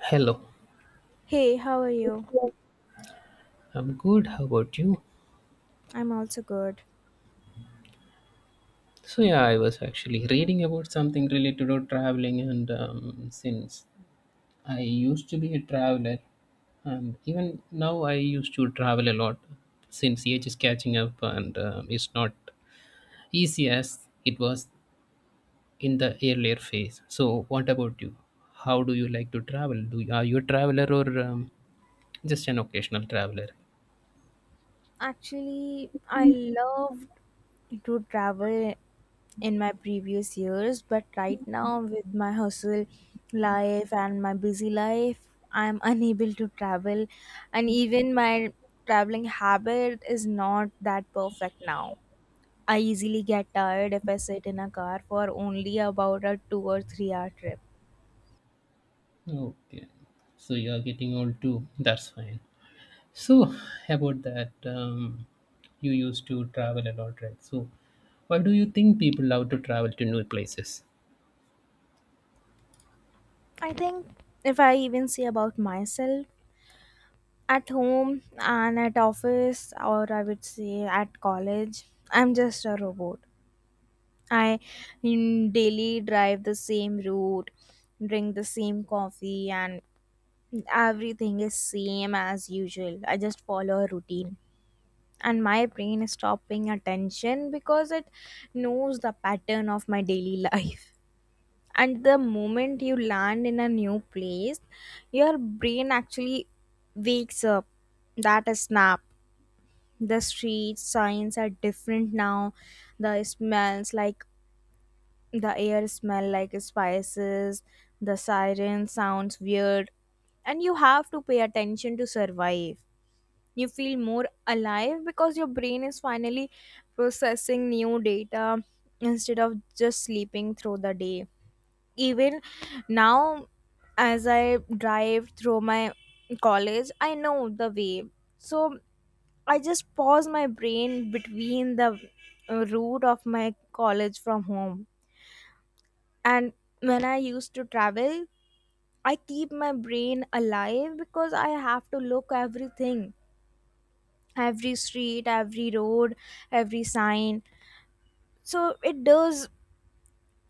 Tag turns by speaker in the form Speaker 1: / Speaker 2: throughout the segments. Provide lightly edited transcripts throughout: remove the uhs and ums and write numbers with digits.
Speaker 1: Hello,
Speaker 2: Hey, how are you?
Speaker 1: I'm good. How about you?
Speaker 2: I'm also good.
Speaker 1: So yeah, I was actually reading about something related to traveling, and since I used to be a traveler, and even now I used to travel a lot. Since age is catching up, and it's not easy as it was in the earlier phase. So what about you? How do you like to travel? Are you a traveler or just an occasional traveler?
Speaker 2: Actually, I loved to travel in my previous years, but right now, with my hustle life and my busy life, I'm unable to travel, and even my traveling habit is not that perfect now. I easily get tired if I sit in a car for only about a 2 or 3 hour trip.
Speaker 1: Okay, so you are getting old too. That's fine. So about that, you used to travel a lot, right? So why do you think people love to travel to new places?
Speaker 2: I think if I even say about myself, at home and at office, or I would say at college, I'm just a robot. I daily drive the same route, drink the same coffee, and everything is same as usual. I just follow a routine, and my brain is stopping attention because it knows the pattern of my daily life. And the moment you land in a new place, your brain actually wakes up. That is snap. The street signs are different now, the smells like, the air smell like spices, the siren sounds weird, and you have to pay attention to survive. You feel more alive because your brain is finally processing new data instead of just sleeping through the day. Even now, as I drive through my college, I know the way, so I just pause my brain between the route of my college from home. And when I used to travel, I keep my brain alive because I have to look everything, every street, every road, every sign. So it does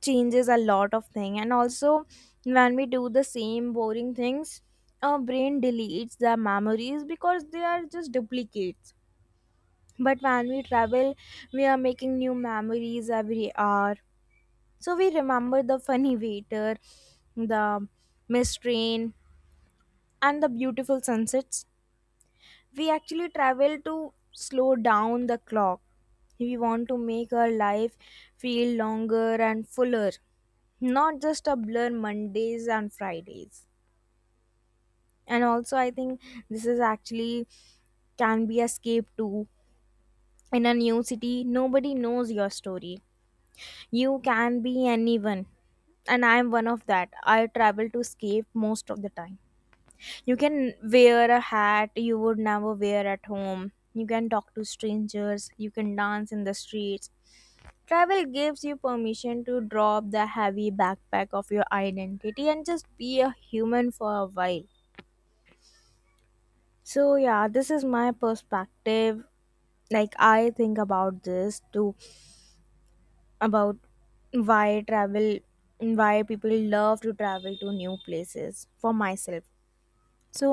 Speaker 2: changes a lot of thing. And also, when we do the same boring things, our brain deletes the memories because they are just duplicates. But when we travel, we are making new memories every hour. So we remember the funny waiter, the missed train, and the beautiful sunsets. We actually travel to slow down the clock. We want to make our life feel longer and fuller, not just a blur Mondays and Fridays. And also, I think this is actually can be escape too. In a new city, nobody knows your story. You can be anyone, and I am one of that. I travel to escape most of the time. You can wear a hat you would never wear at home. You can talk to strangers. You can dance in the streets. Travel gives you permission to drop the heavy backpack of your identity and just be a human for a while. So, yeah, this is my perspective. Like, I think about this too, about why travel why people love to travel to new places, for myself. So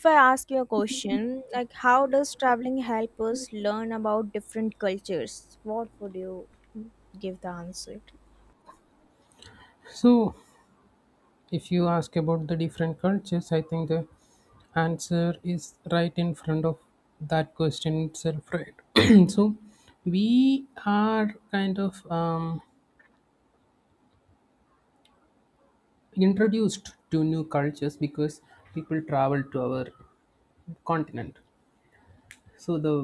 Speaker 2: if I ask you a question like, how does traveling help us learn about different cultures, what would you give the answer?
Speaker 1: So, if you ask about the different cultures, I think the answer is right in front of that question itself, right? So, we are kind of introduced to new cultures because people travel to our continent. So the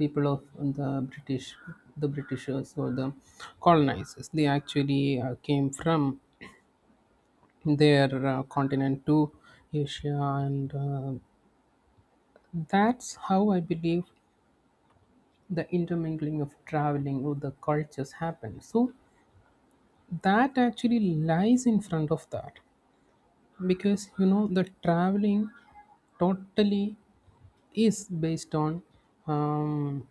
Speaker 1: people of the British, the Britishers, or the colonizers, they actually came from their continent to Asia, and that's how I believe the intermingling of traveling or the cultures happened. So that actually lies in front of that, because you know, the traveling totally is based on, um,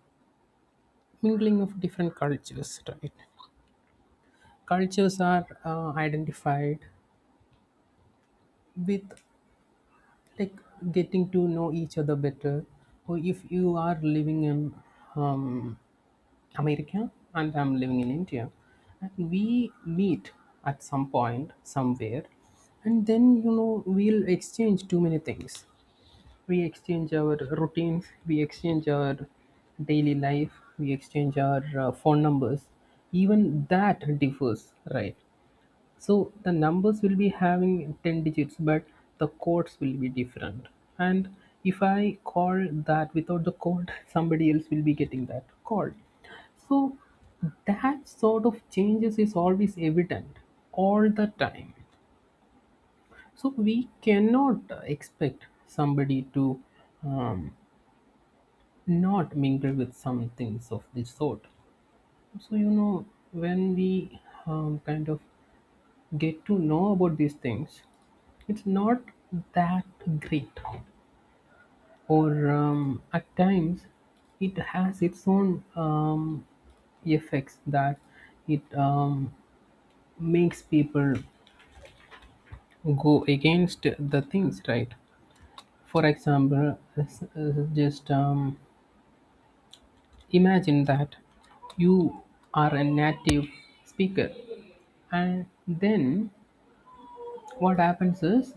Speaker 1: mingling of different cultures, right? Cultures are identified with, like, getting to know each other better. Or if you are living in, um, America, and I'm living in India, and we meet at some point somewhere, and then you know, we'll exchange too many things. We exchange our routines, we exchange our daily life, we exchange our phone numbers. Even that differs, right? So the numbers will be having 10 digits, but the codes will be different. And if I call that without the code, somebody else will be getting that call. So that sort of changes is always evident all the time. So we cannot expect somebody to um, not mingle with some things of this sort. So you know, when we kind of get to know about these things, it's not that great. Or at times, it has its own effects that it makes people go against the things, right? For example, s- just imagine that you are a native speaker, and then what happens is,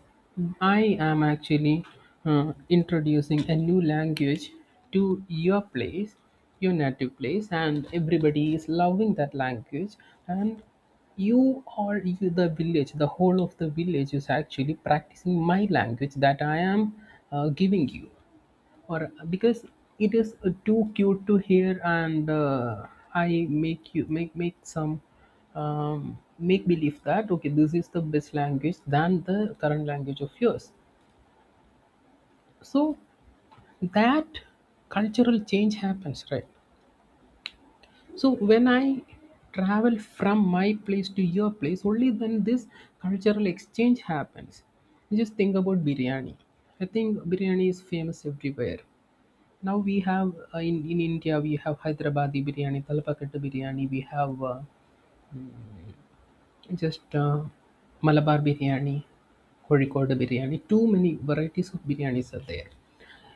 Speaker 1: I am actually introducing a new language to your place, your native place, and everybody is loving that language. And you, the village, the whole of the village, is actually practicing my language that I am giving you. Or because it is too cute to hear, and I make you make some, make believe that okay, this is the best language than the current language of yours. So that cultural change happens, right? So when I travel from my place to your place, only then this cultural exchange happens. You just think about biryani. I think biryani is famous everywhere. Now we have, in India, we have Hyderabadi biryani, Talapakattu biryani. We have just Malabar biryani, Kozhikode biryani. Too many varieties of biryanis are there.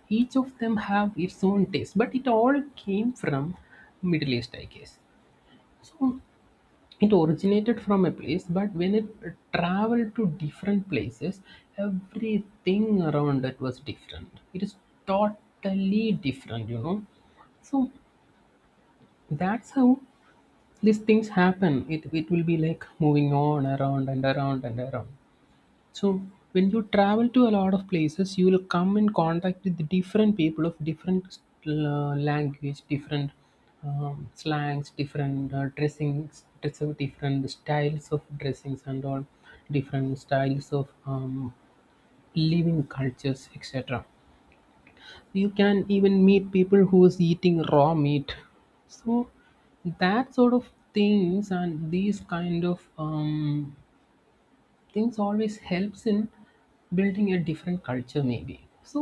Speaker 1: Each of them have its own taste, but it all came from Middle East, I guess. So it originated from a place, but when it traveled to different places, everything around it was different. It is totally different, you know. So that's how these things happen. It will be like moving on around and around and around. So when you travel to a lot of places, you will come in contact with different people of different language, different, slangs, different dressings dress different styles of dressings and all, different styles of living cultures, etc. You can even meet people who's eating raw meat. So that sort of things, and these kind of things always helps in building a different culture, maybe. So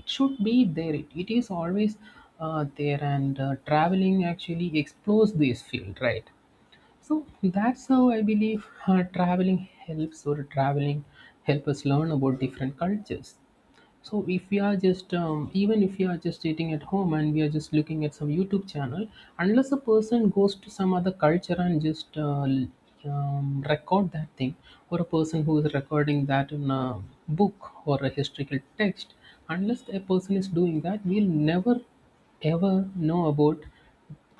Speaker 1: it should be there. It is always there, and traveling actually explores this field, right? So that's how I believe, traveling helps, or traveling help us learn about different cultures. So if we are just even if we are just sitting at home and we are just looking at some YouTube channel, unless a person goes to some other culture and just record that thing, or a person who is recording that in a book or a historical text, unless a person is doing that, we'll never ever know about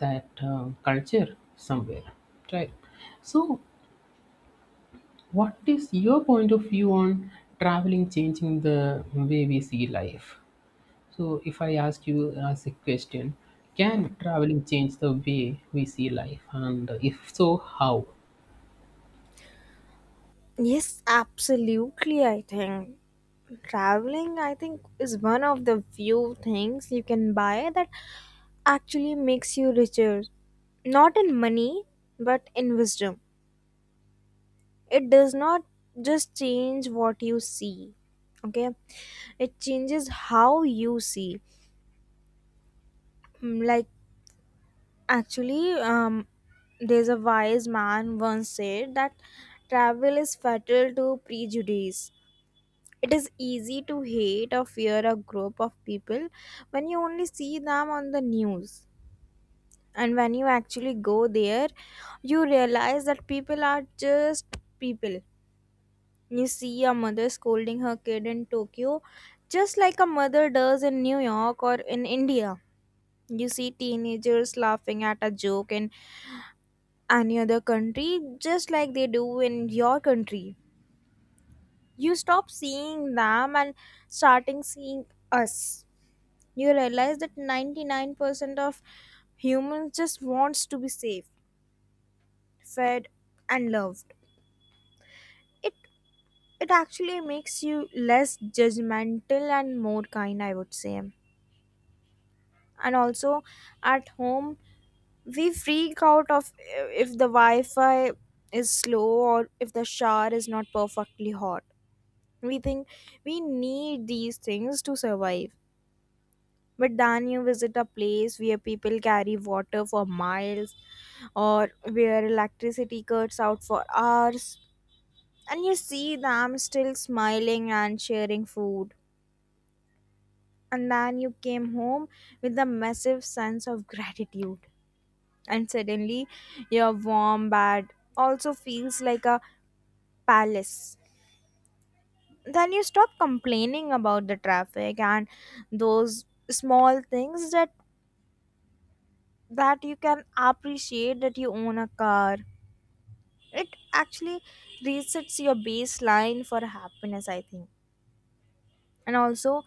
Speaker 1: that culture somewhere, right? So, what is your point of view on traveling changing the way we see life? So, if I ask you as a question, can traveling change the way we see life? And if so, how?
Speaker 2: Yes, absolutely. I think traveling, I think, is one of the few things you can buy that actually makes you richer, not in money but in wisdom. It does not just change what you see, okay, it changes how you see. Like, actually, there's a wise man once said that travel is fatal to prejudice. It is easy to hate or fear a group of people when you only see them on the news, and when you actually go there, you realize that people are just people. You see a mother scolding her kid in Tokyo, just like a mother does in New York or in India. You see teenagers laughing at a joke in any other country, just like they do in your country. You stop seeing them and starting seeing us. You realize that 99% of humans just wants to be safe, fed, and loved. It it actually makes you less judgmental and more kind, I would say. And also, at home we freak out of, if the wi-fi is slow or if the shower is not perfectly hot. We think we need these things to survive, but then you visit a place where people carry water for miles, or where electricity cuts out for hours, and you see them still smiling and sharing food, and then you came home with a massive sense of gratitude. And suddenly your warm bed also feels like a palace. Then you stop complaining about the traffic and those small things, that you can appreciate that you own a car. It actually resets your baseline for happiness, I think. And also,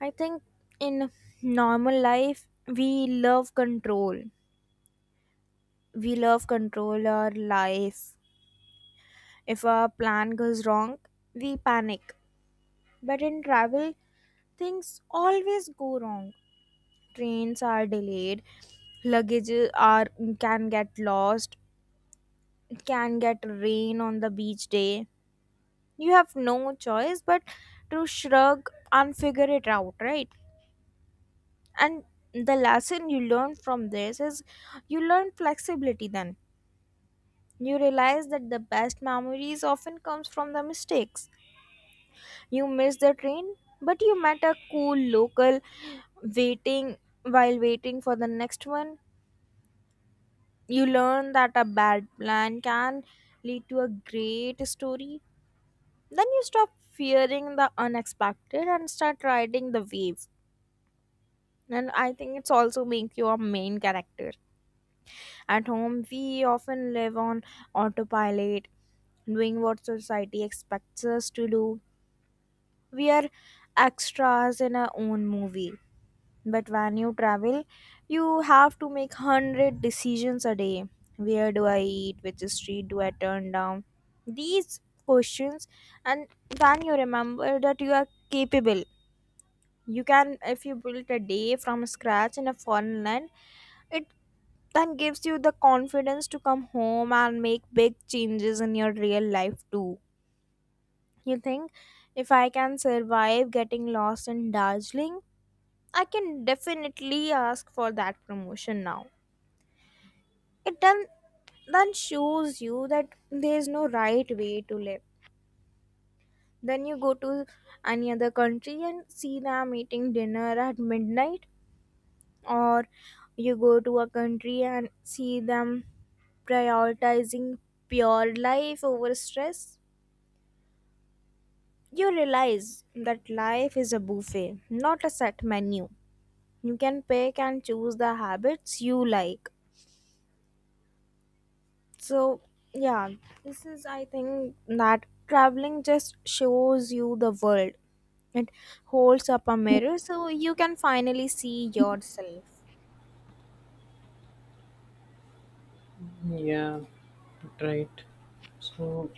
Speaker 2: I think in normal life, we love control. We love control our life. If a plan goes wrong, we panic. But in travel, things always go wrong. Trains are delayed, luggage are, can get lost, can get rain on the beach day. You have no choice but to shrug and figure it out, right? And the lesson you learn from this is, you learn flexibility then. You realize that the best memories often comes from the mistakes. You miss the train, but you met a cool local waiting while waiting for the next one. You learn that a bad plan can lead to a great story. Then you stop fearing the unexpected and start riding the wave. And I think it's also make you a main character. At home, we often live on autopilot, doing what society expects us to do. We are extras in our own movie. But when you travel, you have to make 100 decisions a day. Where do I eat? Which street do I turn down? These questions, and when you remember that you are capable, you can, if you build a day from scratch in a foreign land, it then gives you the confidence to come home and make big changes in your real life too. You think, if I can survive getting lost in Darjeeling, I can definitely ask for that promotion now. It then shows you that there is no right way to live. Then you go to any other country and see them eating dinner at midnight, or you go to a country and see them prioritizing pure life over stress. You realize that life is a buffet, not a set menu. You can pick and choose the habits you like. So, yeah, this is, I think, that traveling just shows you the world. It holds up a mirror so you can finally see yourself.
Speaker 1: Yeah, right. So,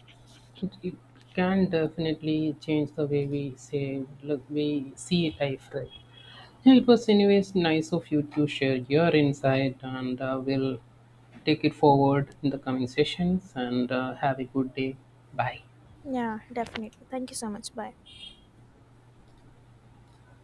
Speaker 1: it can definitely change the way we say, look, we see life, right? Yeah, it was, anyways, nice of you to share your insight, and we'll take it forward in the coming sessions. And have a good day. Bye.
Speaker 2: Yeah, definitely. Thank you so much. Bye.